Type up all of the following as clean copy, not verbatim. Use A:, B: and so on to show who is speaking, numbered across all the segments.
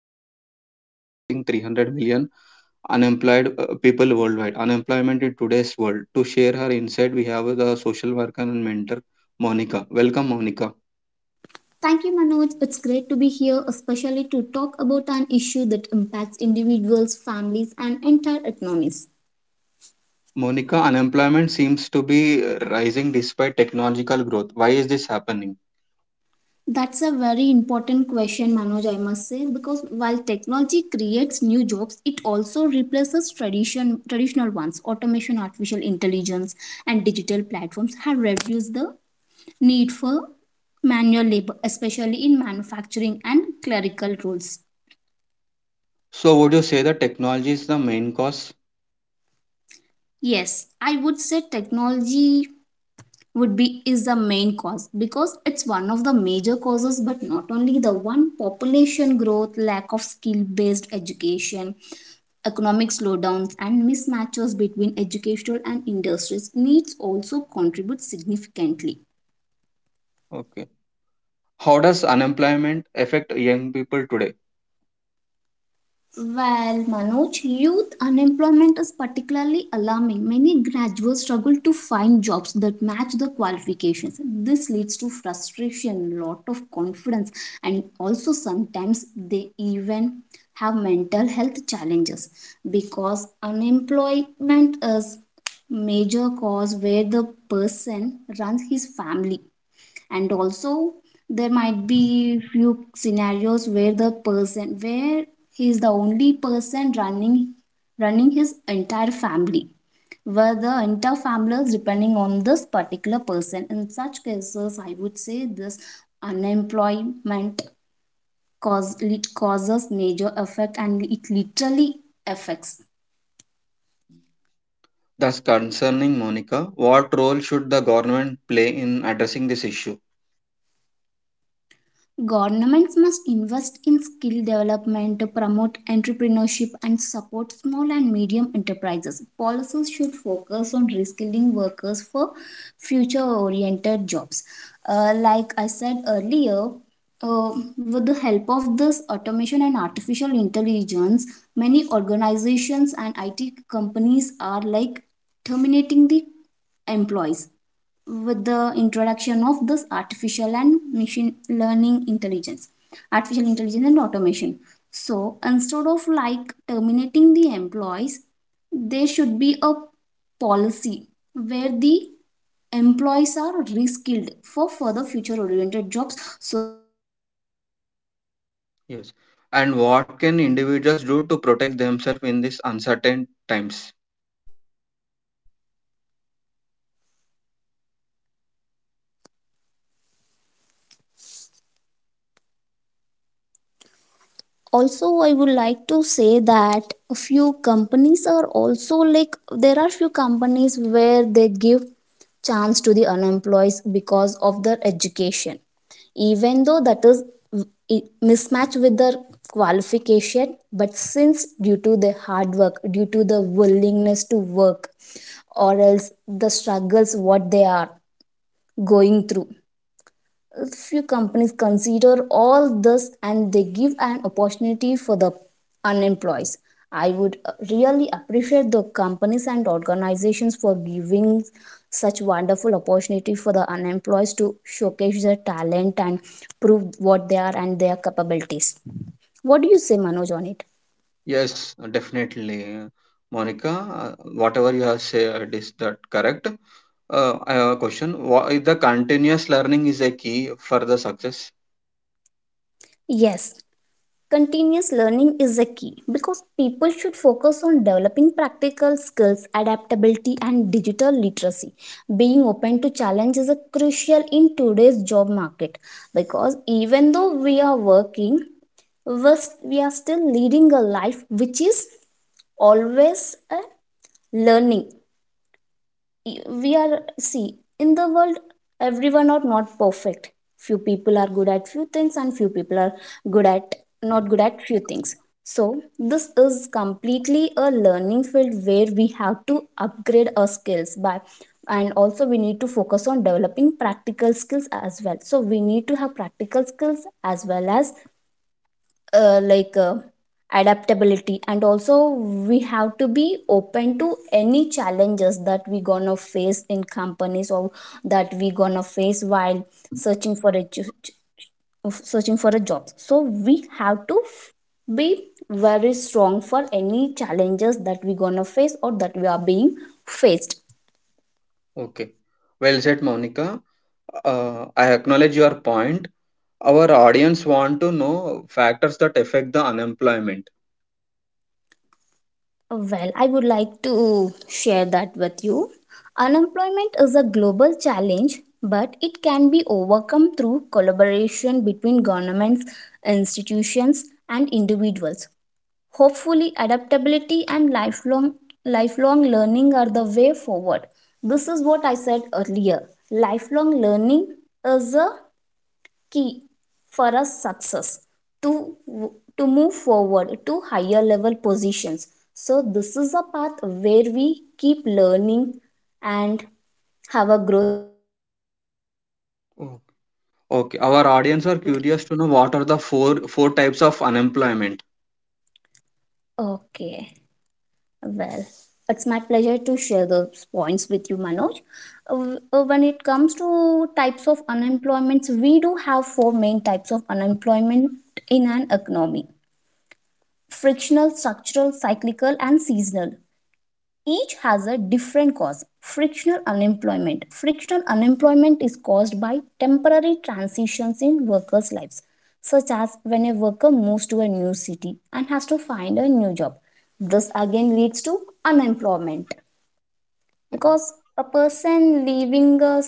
A: a serious issue affecting 300 million unemployed people worldwide. Unemployment in today's world. To share her insight, we have the social worker and mentor, Monica. Welcome, Monica.
B: Thank you, Manoj. It's great to be here, especially to talk about an issue that impacts individuals, families, and entire economies.
A: Monica, unemployment seems to be rising despite technological growth. Why is this happening?
B: That's a very important question, Manoj, I must say, because while technology creates new jobs, it also replaces traditional ones. Automation, artificial intelligence, and digital platforms have reduced the need for manual labor, especially in manufacturing and clerical roles.
A: So, would you say that technology is the main cause?
B: Yes, I would say technology would be is the main cause, because it's one of the major causes but not only the one. Population growth, lack of skill based education, economic slowdowns and mismatches between educational and industries needs also contribute significantly.
A: Okay. How does unemployment affect young people today?
B: Well, Manoj, youth unemployment is particularly alarming. Many graduates struggle to find jobs that match the qualifications. This leads to frustration, lot of confidence, and also sometimes they even have mental health challenges, because unemployment is major cause where the person runs his family, and also there might be few scenarios where the person where he is the only person running his entire family, where the entire family is depending on this particular person. In such cases I would say this unemployment causes major effect and it literally affects.
A: Thus, concerning Monica, what role should the government play in addressing this issue?
B: Governments must invest in skill development to promote entrepreneurship and support small and medium enterprises. Policies should focus on reskilling workers for future oriented jobs. Like I said earlier, uh, with the help of this automation and artificial intelligence, many organizations and IT companies are like terminating the employees with the introduction of this artificial and machine learning intelligence artificial intelligence and automation. So instead of like terminating the employees, there should be a policy where the employees are reskilled for further future oriented jobs, so that the employees will have a future
A: Yes.
B: scope
A: And
B: on
A: what can
B: currently
A: individuals
B: they
A: do
B: are
A: to
B: working
A: protect
B: in the
A: themselves in these
B: organizations.
A: uncertain times?
B: Also I would like to say that a few companies are also like, there are few companies where they give chance to the unemployed because of their education, even though that is mismatch with their qualification, but since due to the hard work, due to the willingness to work, or else the struggles what they are going through, few companies consider all this and they give an opportunity for the unemployed. I would really appreciate the companies and organizations for giving such wonderful opportunity for the unemployed to showcase their talent and prove what they are and their capabilities. What do you say, Manoj, on it?
A: Yes, definitely. Monica, whatever you have said is that correct? I have a question. Why the continuous learning is a key for the success?
B: Yes. Continuous learning is a key because people should focus on developing practical skills, adaptability, and digital literacy. Being open to challenge is a crucial in today's job market, because even though we are working, we are still leading a life which is always a learning. We are see in the world everyone are not perfect. Few people are good at few things, and few people are good at not good at few things. So this is completely a learning field where we have to upgrade our skills by, and also we need to focus on developing practical skills as well. So we need to have practical skills as well as uh, like uh, adaptability, and also we have to be open to any challenges that we gonna face in companies, or that we gonna face while searching for a ju- searching for a job. So we have to be very strong for any challenges that we gonna face or that we are being faced.
A: Okay. Well said, Monica. I acknowledge your point. Our audience want to know factors that affect the unemployment.
B: Well, I would like to share that with you. Unemployment is a global challenge, but it can be overcome through collaboration between governments, institutions, and individuals. Hopefully, adaptability and lifelong learning are the way forward. This is what I said earlier. Lifelong learning is a key for a success to move forward to higher level positions. So this is a path where we keep learning and have a growth in our career.
A: Okay, our audience are curious to know what are the four types of unemployment.
B: Okay, well, it's my pleasure to share those points with you, Manoj. Uh, when it comes to types of unemployments, we do have four main types of unemployment in an economy: frictional, structural, cyclical and seasonal. Each has a different cause. Frictional unemployment. Frictional unemployment is caused by temporary transitions in workers' lives, such as when a worker moves to a new city and has to find a new job. This again leads to unemployment, because a person leaving a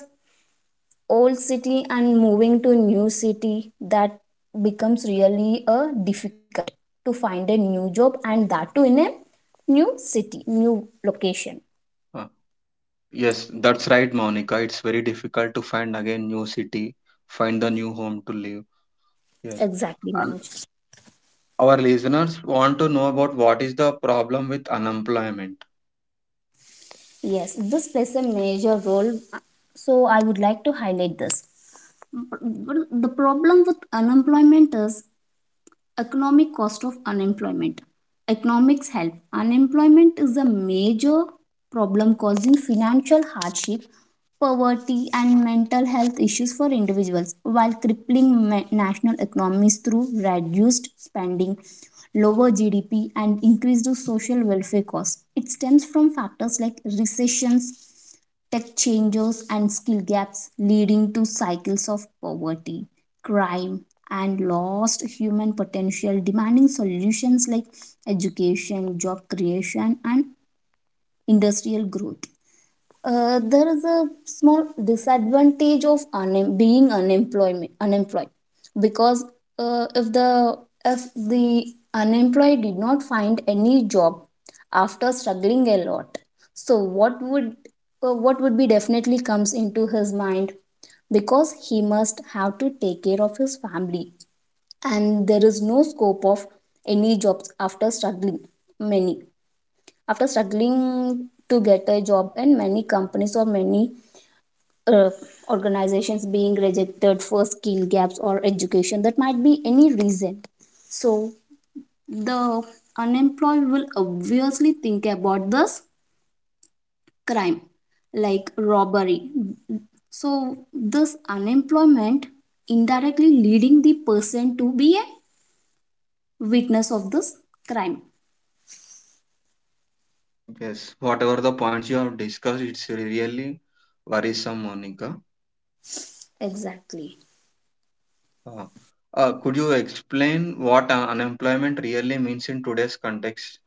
B: old city and moving to a new city, that becomes really a difficult to find a new job, and that too in a new city, new location.
A: Uh, yes, that's right, Monica. It's very difficult to find again new city, find the new home to live. Yes.
B: Exactly,
A: And
B: Manoj.
A: our listeners want to know about what is the problem with unemployment.
B: Yes, this plays a major role. So I would like to highlight this. But the problem with unemployment is economic cost of unemployment. Economics help. Unemployment is a major problem, causing financial hardship, poverty, and mental health issues for individuals, while crippling national economies through reduced spending, lower GDP, and increased social welfare costs. It stems from factors like recessions, tech changes and skill gaps, leading to cycles of poverty, crime, and lost human potential, demanding solutions like education, job creation, and industrial growth. There is a small disadvantage of unem- being unemployment unemployed, because uh, if the if the unemployed did not find any job after struggling a lot, so what would, what would be definitely comes into his mind, because he must have to take care of his family, and there is no scope of any jobs after struggling many after struggling to get a job, and many companies or many uh, organizations being rejected for skill gaps or education, that might be any reason. So the unemployed will obviously think about this crime like robbery. So this unemployment indirectly leading the person to be a witness of this crime.
A: Yes, whatever the points you have discussed, it's really worrisome, Monica.
B: Exactly.
A: Uh, could you explain what unemployment really means in today's context?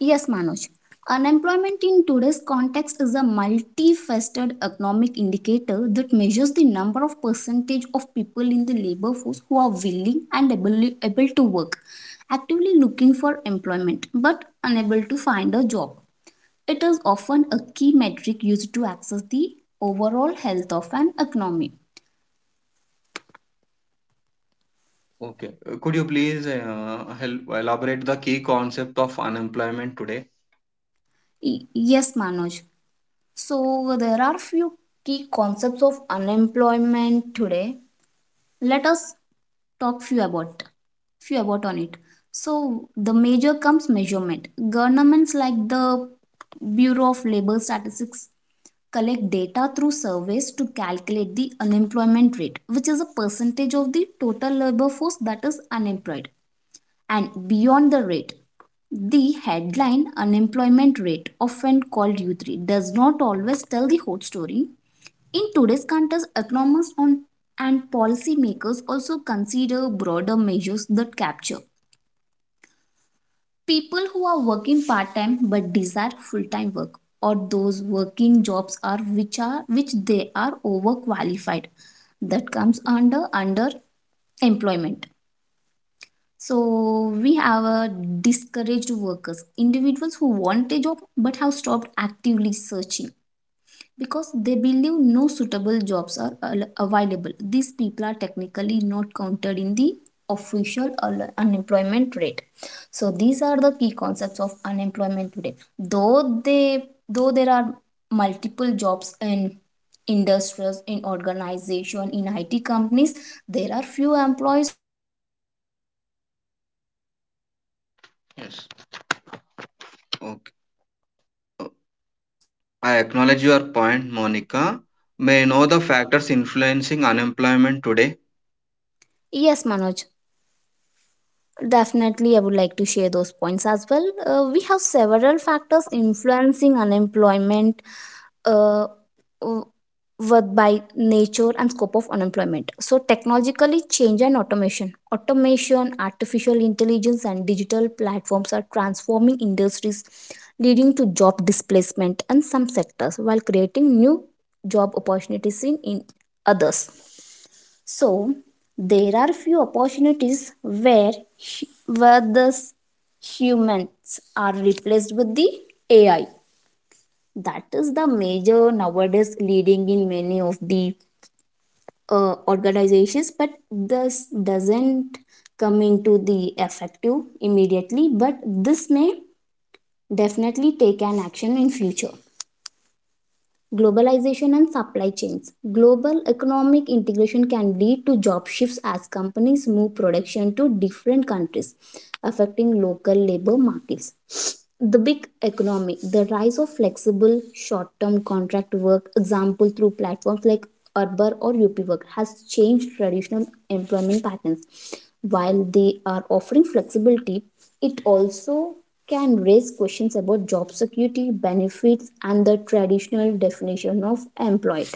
B: Yes, Manoj. Unemployment in today's context is a multifaceted economic indicator that measures the number of percentage of people in the labor force who are willing and able to work, actively looking for employment but unable to find a job. It is often a key metric used to access the overall health of an economy.
A: Okay. Could you please help elaborate the key concept of unemployment today?
B: Yes, Manoj. So there are few key concepts of unemployment today. Let us talk few about on it. So the major comes measurement. Governments like the Bureau of Labor Statistics collect data through surveys to calculate the unemployment rate, which is a percentage of the total labor force that is unemployed. And beyond the rate, the headline unemployment rate, often called U3, does not always tell the whole story. In today's context, economists on, and policymakers also consider broader measures that capture people who are working part time but desire full time work, or those working jobs are which they are overqualified. That comes under employment. So we have a discouraged workers, individuals who want a job but have stopped actively searching because they believe no suitable jobs are available. These people are technically not counted in the official unemployment rate. So these are the key concepts of unemployment today. Though there are multiple jobs in industries, in organization, in IT companies, there are few employees who are not willing to act, not willing to join the
A: Yes.
B: companies or actively
A: Okay.
B: searching for the jobs
A: Uh,
B: which suits.
A: I acknowledge your point, Monica. May I know the factors influencing unemployment today?
B: Yes, Manoj. Definitely, I would like to share those points as well. We have several factors influencing unemployment, uh, w- with by nature and scope of unemployment. So, technologically, change and automation. Automation, artificial intelligence, and digital platforms are transforming industries, leading to job displacement in some sectors while creating new job opportunities in others. So there are few opportunities where hu- where the s- humans are replaced with the AI. That is the major nowadays leading in many of the organizations, but this doesn't come into the effective immediately. But this may definitely take an action in future. Globalization and supply chains. Global economic integration can lead to job shifts as companies move production to different countries, affecting local labor markets. The big economy, the rise of flexible short term contract work, example through platforms like Uber or UPWork, has changed traditional employment patterns. While they are offering flexibility, it also can raise questions about job security, benefits, and the traditional definition of employed.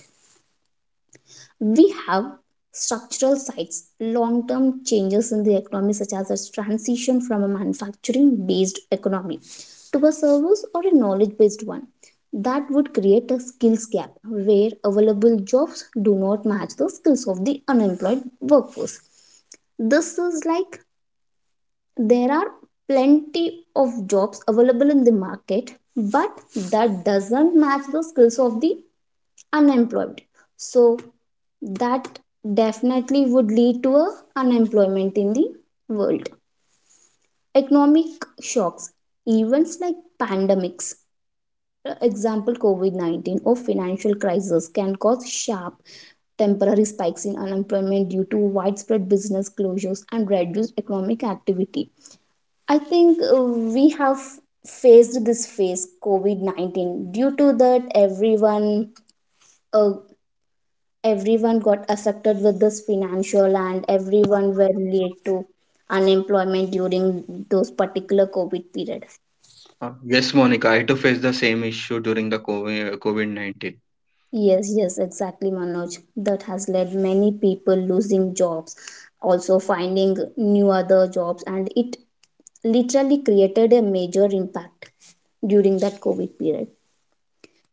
B: We have structural sides, long term changes in the economy, such as a transition from a manufacturing based economy to a service or a knowledge based one. That would create a skills gap where available jobs do not match the skills of the unemployed workforce. This is like, there are plenty of jobs available in the market but that doesn't match the skills of the unemployed, so that definitely would lead to a unemployment in the world. Economic shocks, events like pandemics, example COVID-19 or financial crisis can cause sharp temporary spikes in unemployment due to widespread business closures and reduced economic activity. I think we have faced this phase COVID-19. Due to that, everyone uh, everyone got affected with this financial and everyone were late to unemployment during those particular COVID period.
A: Yes, Monica, I too faced the same issue during the COVID 19.
B: Yes, yes, exactly, Manoj. That has led many people losing jobs, also finding new other jobs, and it literally created a major impact during that COVID period.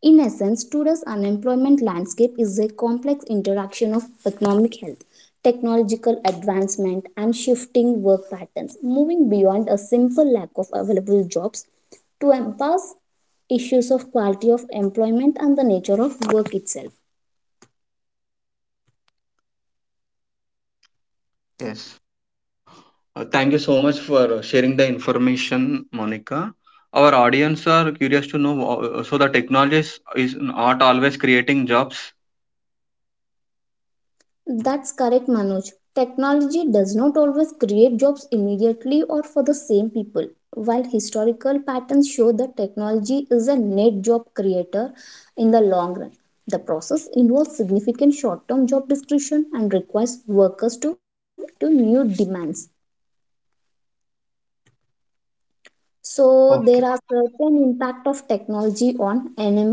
B: In essence, today's unemployment landscape is a complex interaction of economic health, technological advancement, and shifting work patterns, moving beyond a simple lack of available jobs to embrace issues of quality of employment and the nature of work itself.
A: Yes. Thank you so much for sharing the information, Monica. Our audience are curious to know, so the technology is not always creating jobs.
B: That's correct, Manoj. Technology does not always create jobs immediately or for the same people. While historical patterns show that technology is a net job creator in the long run, the process involves significant short term job discretion and requires workers to adapt to new demands. So there
A: Okay.
B: are certain impact of technology on enem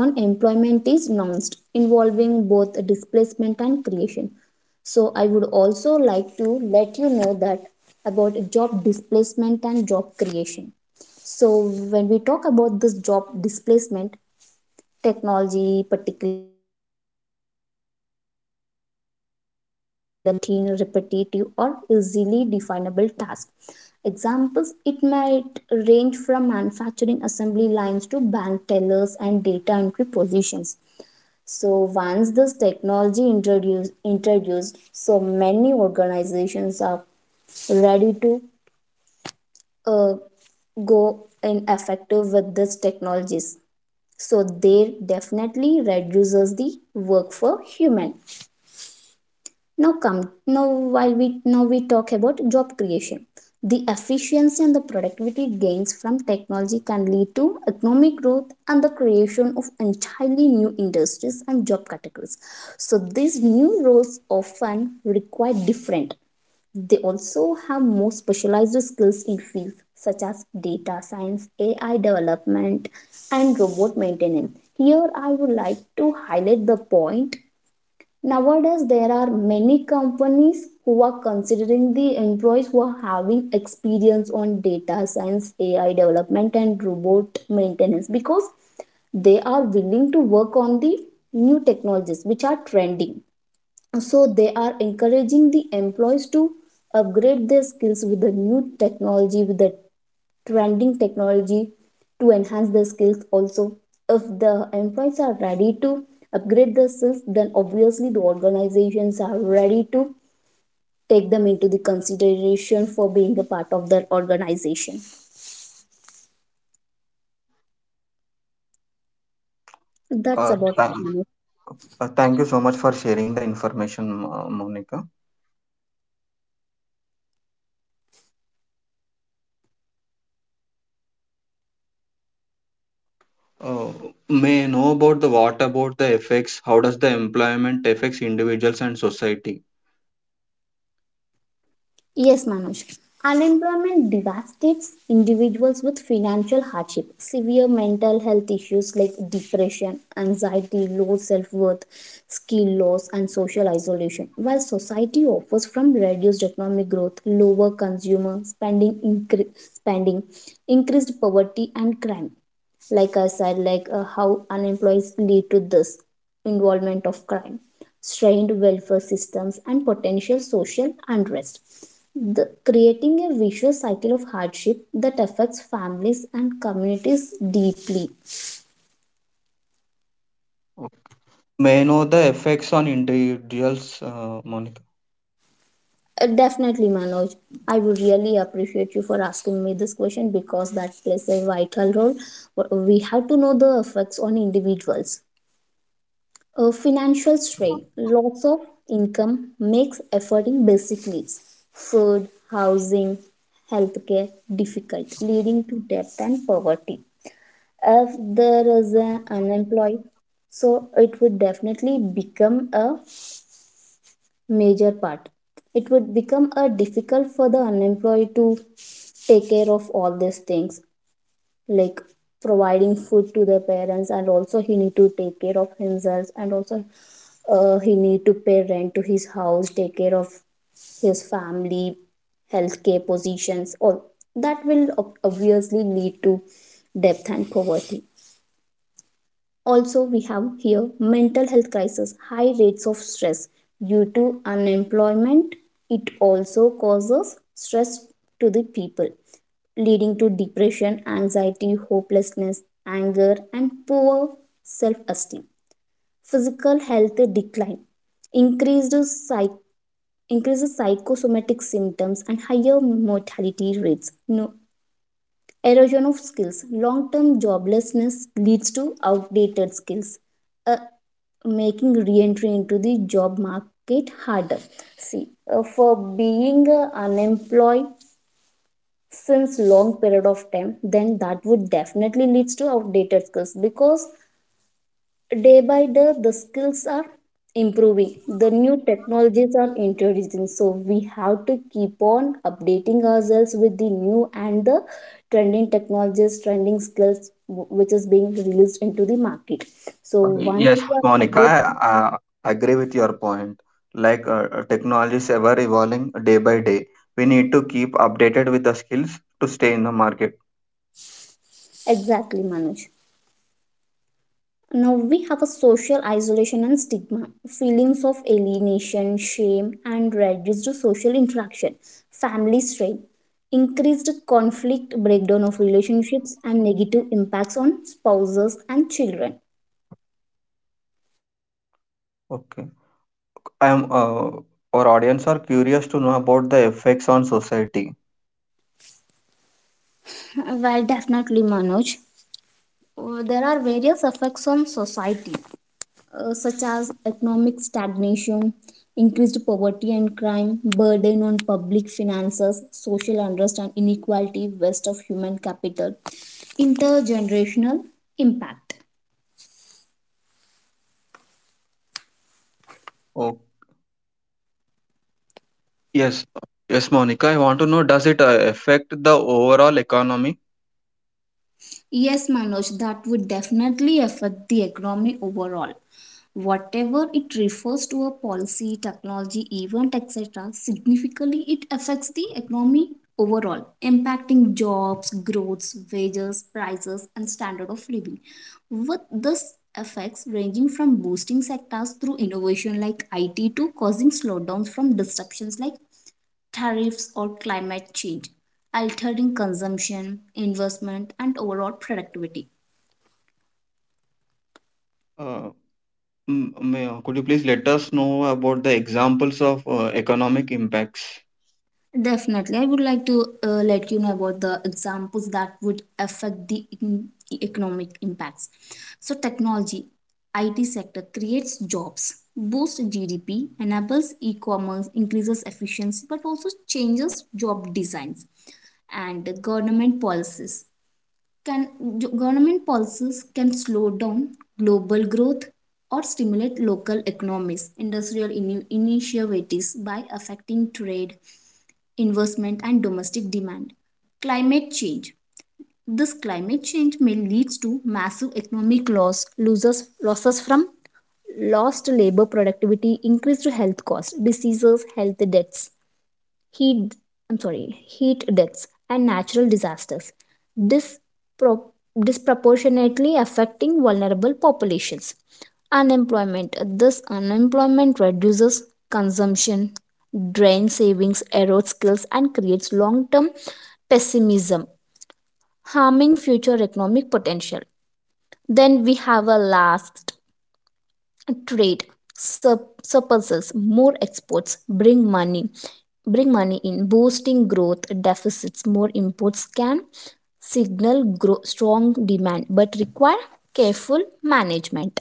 B: on employment is announced involving both displacement and creation. So I would also like to let you know that about job displacement and job creation. So when we talk about this job displacement, technology, particularly automation and AI, directly replaces jobs that involve routine, repetitive, or easily definable tasks. Examples it might range from manufacturing assembly lines to bank tellers and data entry positions. So once this technology introduced, so many organizations are ready to uh, go ineffective with these technologies. So they definitely reduces the work for human. Now come now while we now we talk about job creation. The efficiency and the productivity gains from technology can lead to economic growth and the creation of entirely new industries and job categories. So these new roles often require different they also have more specialized skills in fields such as data science, AI development, and robot maintenance. Here, I would like to highlight the point. Nowadays, there are many companies who are considering the employees who are having experience on data science, AI development, and robot maintenance because they are willing to work on the new technologies which are trending, so they are encouraging the employees to upgrade their skills with the new technology, with the trending technology, to enhance their skills. Also, if the employees are ready to upgrade their skills, then obviously the organizations are ready to take them into the consideration for being a part of their organization. That's
A: Uh,
B: about.
A: thank thank you so much for sharing the information, Monica. Uh, may I know about the what about the effects? How does the employment affects individuals and society?
B: Yes, Manoj. Unemployment devastates individuals with financial hardship, severe mental health issues like depression, anxiety, low self worth, skill loss, and social isolation. While society offers from reduced economic growth, lower consumer spending, spending increased poverty, and crime. Like I said, like how unemployed lead to this involvement of crime, strained welfare systems and potential social unrest, creating a vicious cycle of hardship that affects families and communities deeply.
A: Okay. May I know the effects on individuals, Monica?
B: Definitely Manoj, I would really appreciate you for asking me this question because that plays a vital role. We have to know the effects on individuals. A financial strain, loss of income makes affording basic needs, food, housing, healthcare difficult, leading to debt and poverty. If there is an unemployed, so it would definitely become a major part. It would become a difficult for the unemployed to take care of all these things, like providing food to the parents and also he need to take care of himself and also he need to pay rent to his house, take care of his family, healthcare positions, all that will obviously lead to debt and poverty. Also, we have here mental health crisis, high rates of stress due to unemployment. It also causes stress to the people, leading to depression, anxiety, hopelessness, anger, and poor self esteem. Physical health decline, increased psych- increases psychosomatic symptoms, and higher mortality rates. No. Erosion of skills. Long term joblessness leads to outdated skills, uh, making re entry into the job market harder. See, for being unemployed since long period of time, then that would definitely leads to outdated skills, because day by day the skills are improving, the new technologies are introducing. So we have to keep on updating ourselves with the new and the trending technologies, trending skills which is being released into the market, so once
A: Yes,
B: we are
A: Monica,
B: updated.
A: I agree with your point. Like technology is ever evolving day by day. We need to keep updated with the skills to stay in the market.
B: Exactly, Manoj. Now we have a social isolation and stigma, feelings of alienation, shame, and reduced social interaction, family strain, increased conflict, breakdown of relationships, and negative impacts on spouses and children.
A: Okay. I'm our audience are curious to know about the effects on society.
B: Well, definitely, Manoj. There are various effects on society, such as economic stagnation, increased poverty and crime, burden on public finances, social unrest and inequality, waste of human capital, intergenerational impact.
A: Yes, yes, Monica. I want to know, does it affect the overall economy?
B: Yes, Manoj, that would definitely affect the economy overall. Whatever it refers to a policy, technology, event, etc., significantly it affects the economy overall, impacting jobs, growths, wages, prices, and standard of living. With this effects ranging from boosting sectors through innovation like IT to causing slowdowns from disruptions like tariffs, or climate change, altering consumption, investment, and overall productivity.
A: Uh, could you please let us know about the examples of economic impacts?
B: Definitely, I would like to let you know about the examples that would affect the economic impacts. So, technology, IT sector creates jobs, boosts GDP, enables e-commerce, increases efficiency, but also changes job designs and government policies. Can Government policies can slow down global growth or stimulate local economies, industrial initiatives by affecting trade, investment and domestic demand. Climate change. This climate change may leads to massive economic losses losses from lost labor productivity, increased health costs, diseases, health deaths, heat I'm sorry, heat deaths and natural disasters, dispro- disproportionately affecting vulnerable populations. Unemployment, this unemployment reduces consumption, drains savings, erodes skills, and creates long-term pessimism, harming future economic potential. Then we have a last, trade sup surpluses, more exports bring money bring money in, boosting growth, deficits, more imports can signal strong demand but require careful management.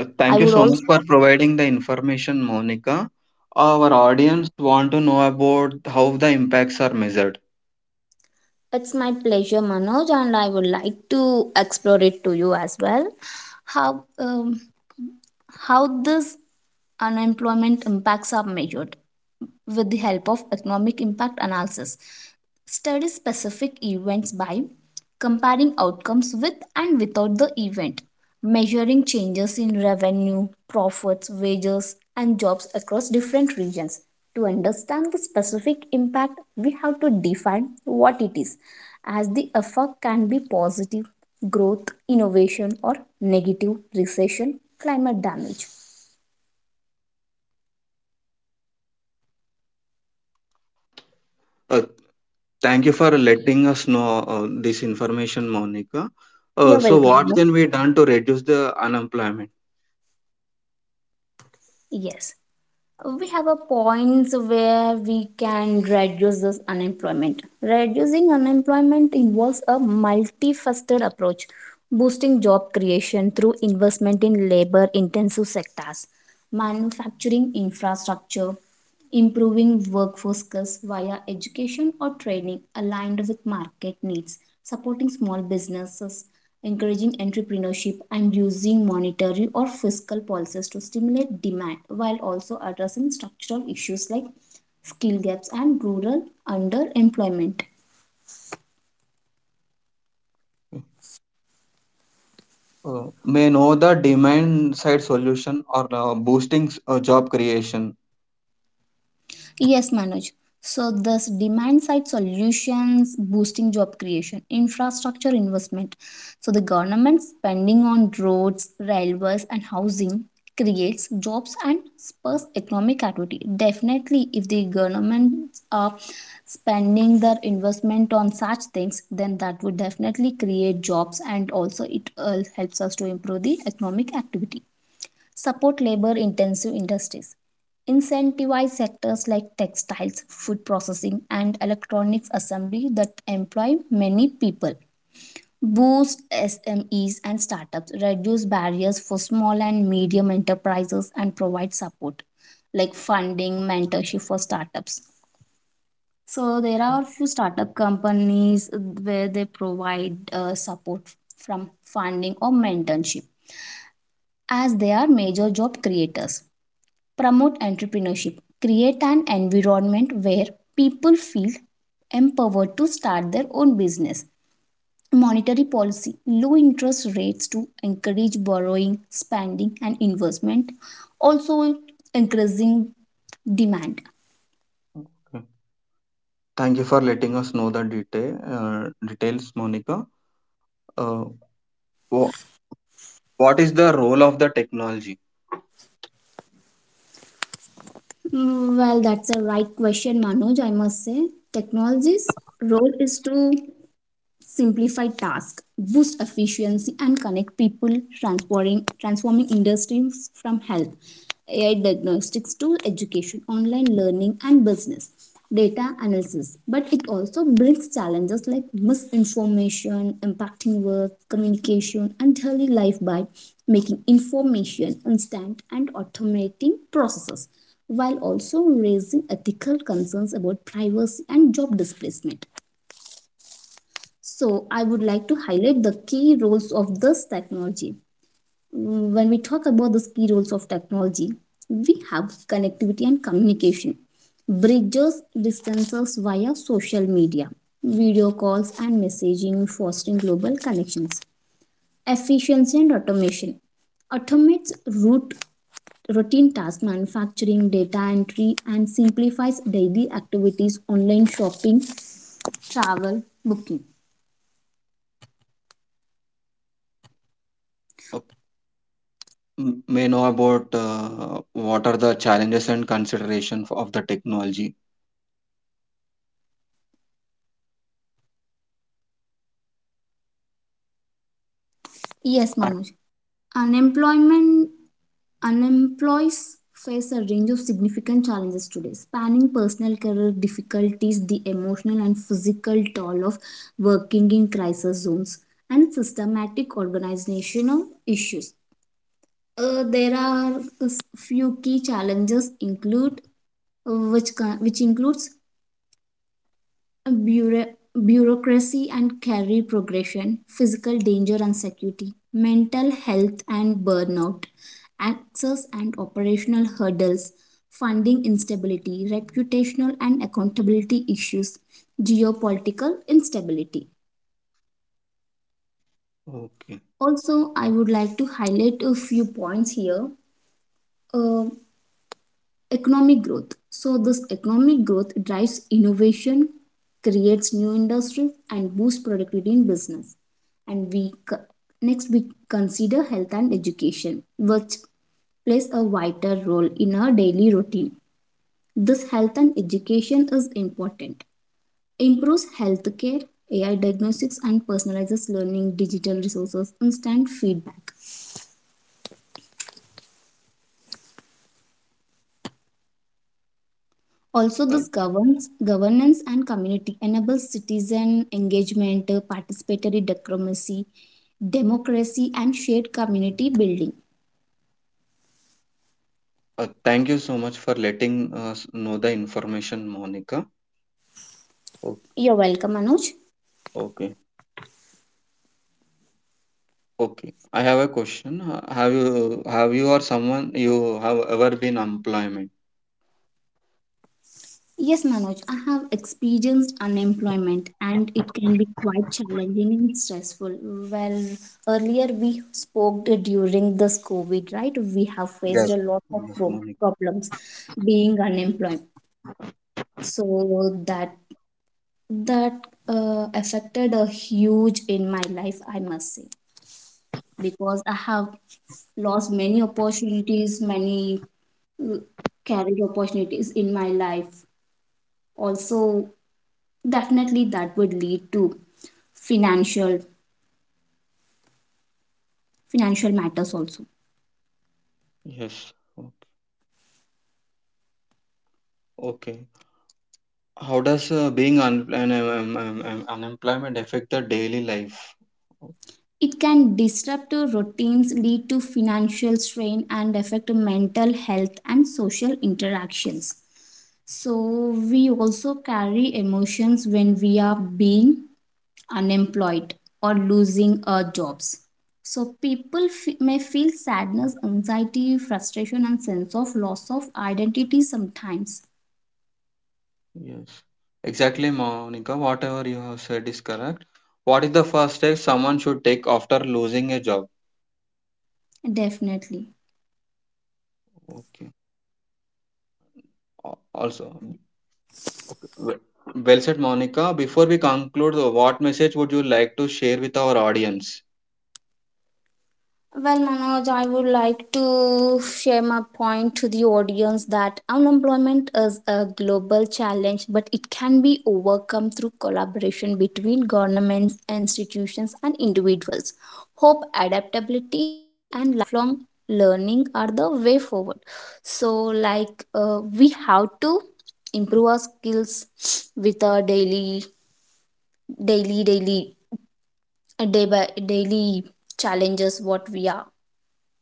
A: Thank
B: I
A: you
B: would
A: so much
B: also
A: for providing the information, Monica. Our audience want to know about how the impacts are measured.
B: It's my pleasure, Manoj, and I would like to explore it to you as well. how um, how this unemployment impacts are measured with the help of economic impact analysis. Study specific events by comparing outcomes with and without the event, measuring changes in revenue, profits, wages and jobs across different regions. To understand the specific impact, we have to define what it is, as the effect can be positive growth, innovation, or negative recession, climate damage.
A: Uh, thank you for letting us know this information, Monica.
B: You're
A: So,
B: welcome.
A: what
B: No?
A: can be done to reduce the unemployment?
B: Yes. We have a points where we can reduce this unemployment. Reducing unemployment involves a multifaceted approach, boosting job creation through investment in labor intensive sectors, manufacturing infrastructure, improving workforce skills via education or training aligned with market needs, supporting small businesses, encouraging entrepreneurship, and using monetary or fiscal policies to stimulate demand while also addressing structural issues like skill gaps and rural underemployment.
A: May know the demand side solution or boosting job creation.
B: Yes, Manoj. So, thus, demand side solutions boosting job creation, infrastructure investment. So, the government spending on roads, railways, and housing creates jobs and spurs economic activity. Definitely, if the governments are spending their investment on such things, then that would definitely create jobs and also it helps us to improve the economic activity. Support labor intensive industries. Incentivize sectors like textiles, food processing, and electronics assembly that employ many people. Boost SMEs and startups, reduce barriers for small and medium enterprises, and provide support like funding, mentorship for startups. So there are few startup companies where they provide support from funding or mentorship, as they are major job creators. Promote entrepreneurship. Create an environment where people feel empowered to start their own business. Monetary policy. Low interest rates to encourage borrowing, spending, and investment. Also, increasing demand.
A: Okay. Thank you for letting us know the detail details, Monica. Uh, wha- what is the role of the technology?
B: Well, that's a right question, Manoj. I must say, technology's role is to simplify tasks, boost efficiency, and connect people, transforming industries from health, AI diagnostics to education, online learning, and business data analysis. But it also brings challenges like misinformation, impacting work, communication, and daily life by making information instant and automating processes while also raising ethical concerns about privacy and job displacement. So, I would like to highlight the key roles of this technology. When we talk about the key roles of technology, we have connectivity and communication, bridges distances via social media, video calls, and messaging, fostering global connections, efficiency and automation, automates routine task manufacturing, data entry, and simplifies daily activities, online shopping, travel, booking.
A: Okay. May know about what are the challenges and consideration for, of the technology.
B: Yes,
A: Uh,
B: Manoj. Unemployment Unemployees face a range of significant challenges today, spanning personal career difficulties, the emotional and physical toll of working in crisis zones, and systematic organizational issues. There are a few key challenges include, which which includes bureau- bureaucracy and career progression, physical danger and security, mental health and burnout, access and operational hurdles, funding instability, reputational and accountability issues, geopolitical instability.
A: Okay.
B: Also, I would like to highlight a few points here. Uh, economic growth, so this economic growth drives innovation, creates new industries and boosts productivity in business. And next we consider health and education which plays a vital role in our daily routine. This health and education is important, improves healthcare, AI diagnostics and personalizes learning, digital resources, instant feedback. Also,
A: Uh,
B: this governs governance and community enables citizen engagement, participatory democracy, democracy, and shared community building.
A: thank you so much for letting us know the information, Monica. O-
B: You're welcome, Manoj.
A: Okay. Okay, I have a question. Have you or someone you have ever been unemployment?
B: Yes, Manoj, I have experienced unemployment and it can be quite challenging and stressful. Well, earlier we spoke during this COVID, right? We have faced
A: Yes.
B: a lot of
A: Yes, Monica.
B: problems being unemployed. So that affected a huge in my life, I must say, because I have lost many opportunities, many mm, career opportunities in my life. Also, definitely that would lead to financial financial matters also.
A: Yes. Okay. How does being unemployment affect the daily life? Oh,
B: It can disrupt your routines, lead to financial strain and affect mental health and social interactions. So we also carry emotions when we are being unemployed or losing our jobs. So people may feel sadness, anxiety, frustration, and sense of loss of identity sometimes.
A: yes. Exactly, Monica. Whatever you have said is correct. What is the first step someone should take after losing a job?
B: Definitely.
A: Okay. Al- Also, okay. Well said, Monica. Before we conclude, what message would you like to share with our audience?
B: Well, Manoj, I would like to share my point to the audience that unemployment is a global challenge, but it can be overcome through collaboration between governments, institutions, and individuals. Hope, adaptability, and lifelong learning are the way forward. So, like, we have to improve our skills with our daily, daily, day by daily challenges what we are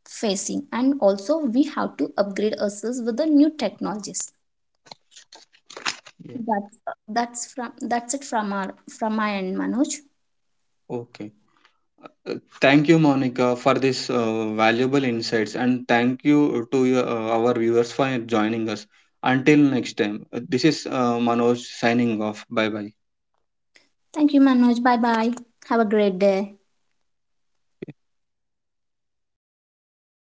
B: facing, and also we have to upgrade ourselves with the new technologies.
A: Yes.
B: That's that's from that's it from our from my end, Manoj.
A: Okay. Uh, Thank you, Monica, for this valuable insights, and thank you to our viewers for joining us. Until next time, this is Manoj signing off. Bye bye.
B: Thank you, Manoj. Bye bye. Have a great day.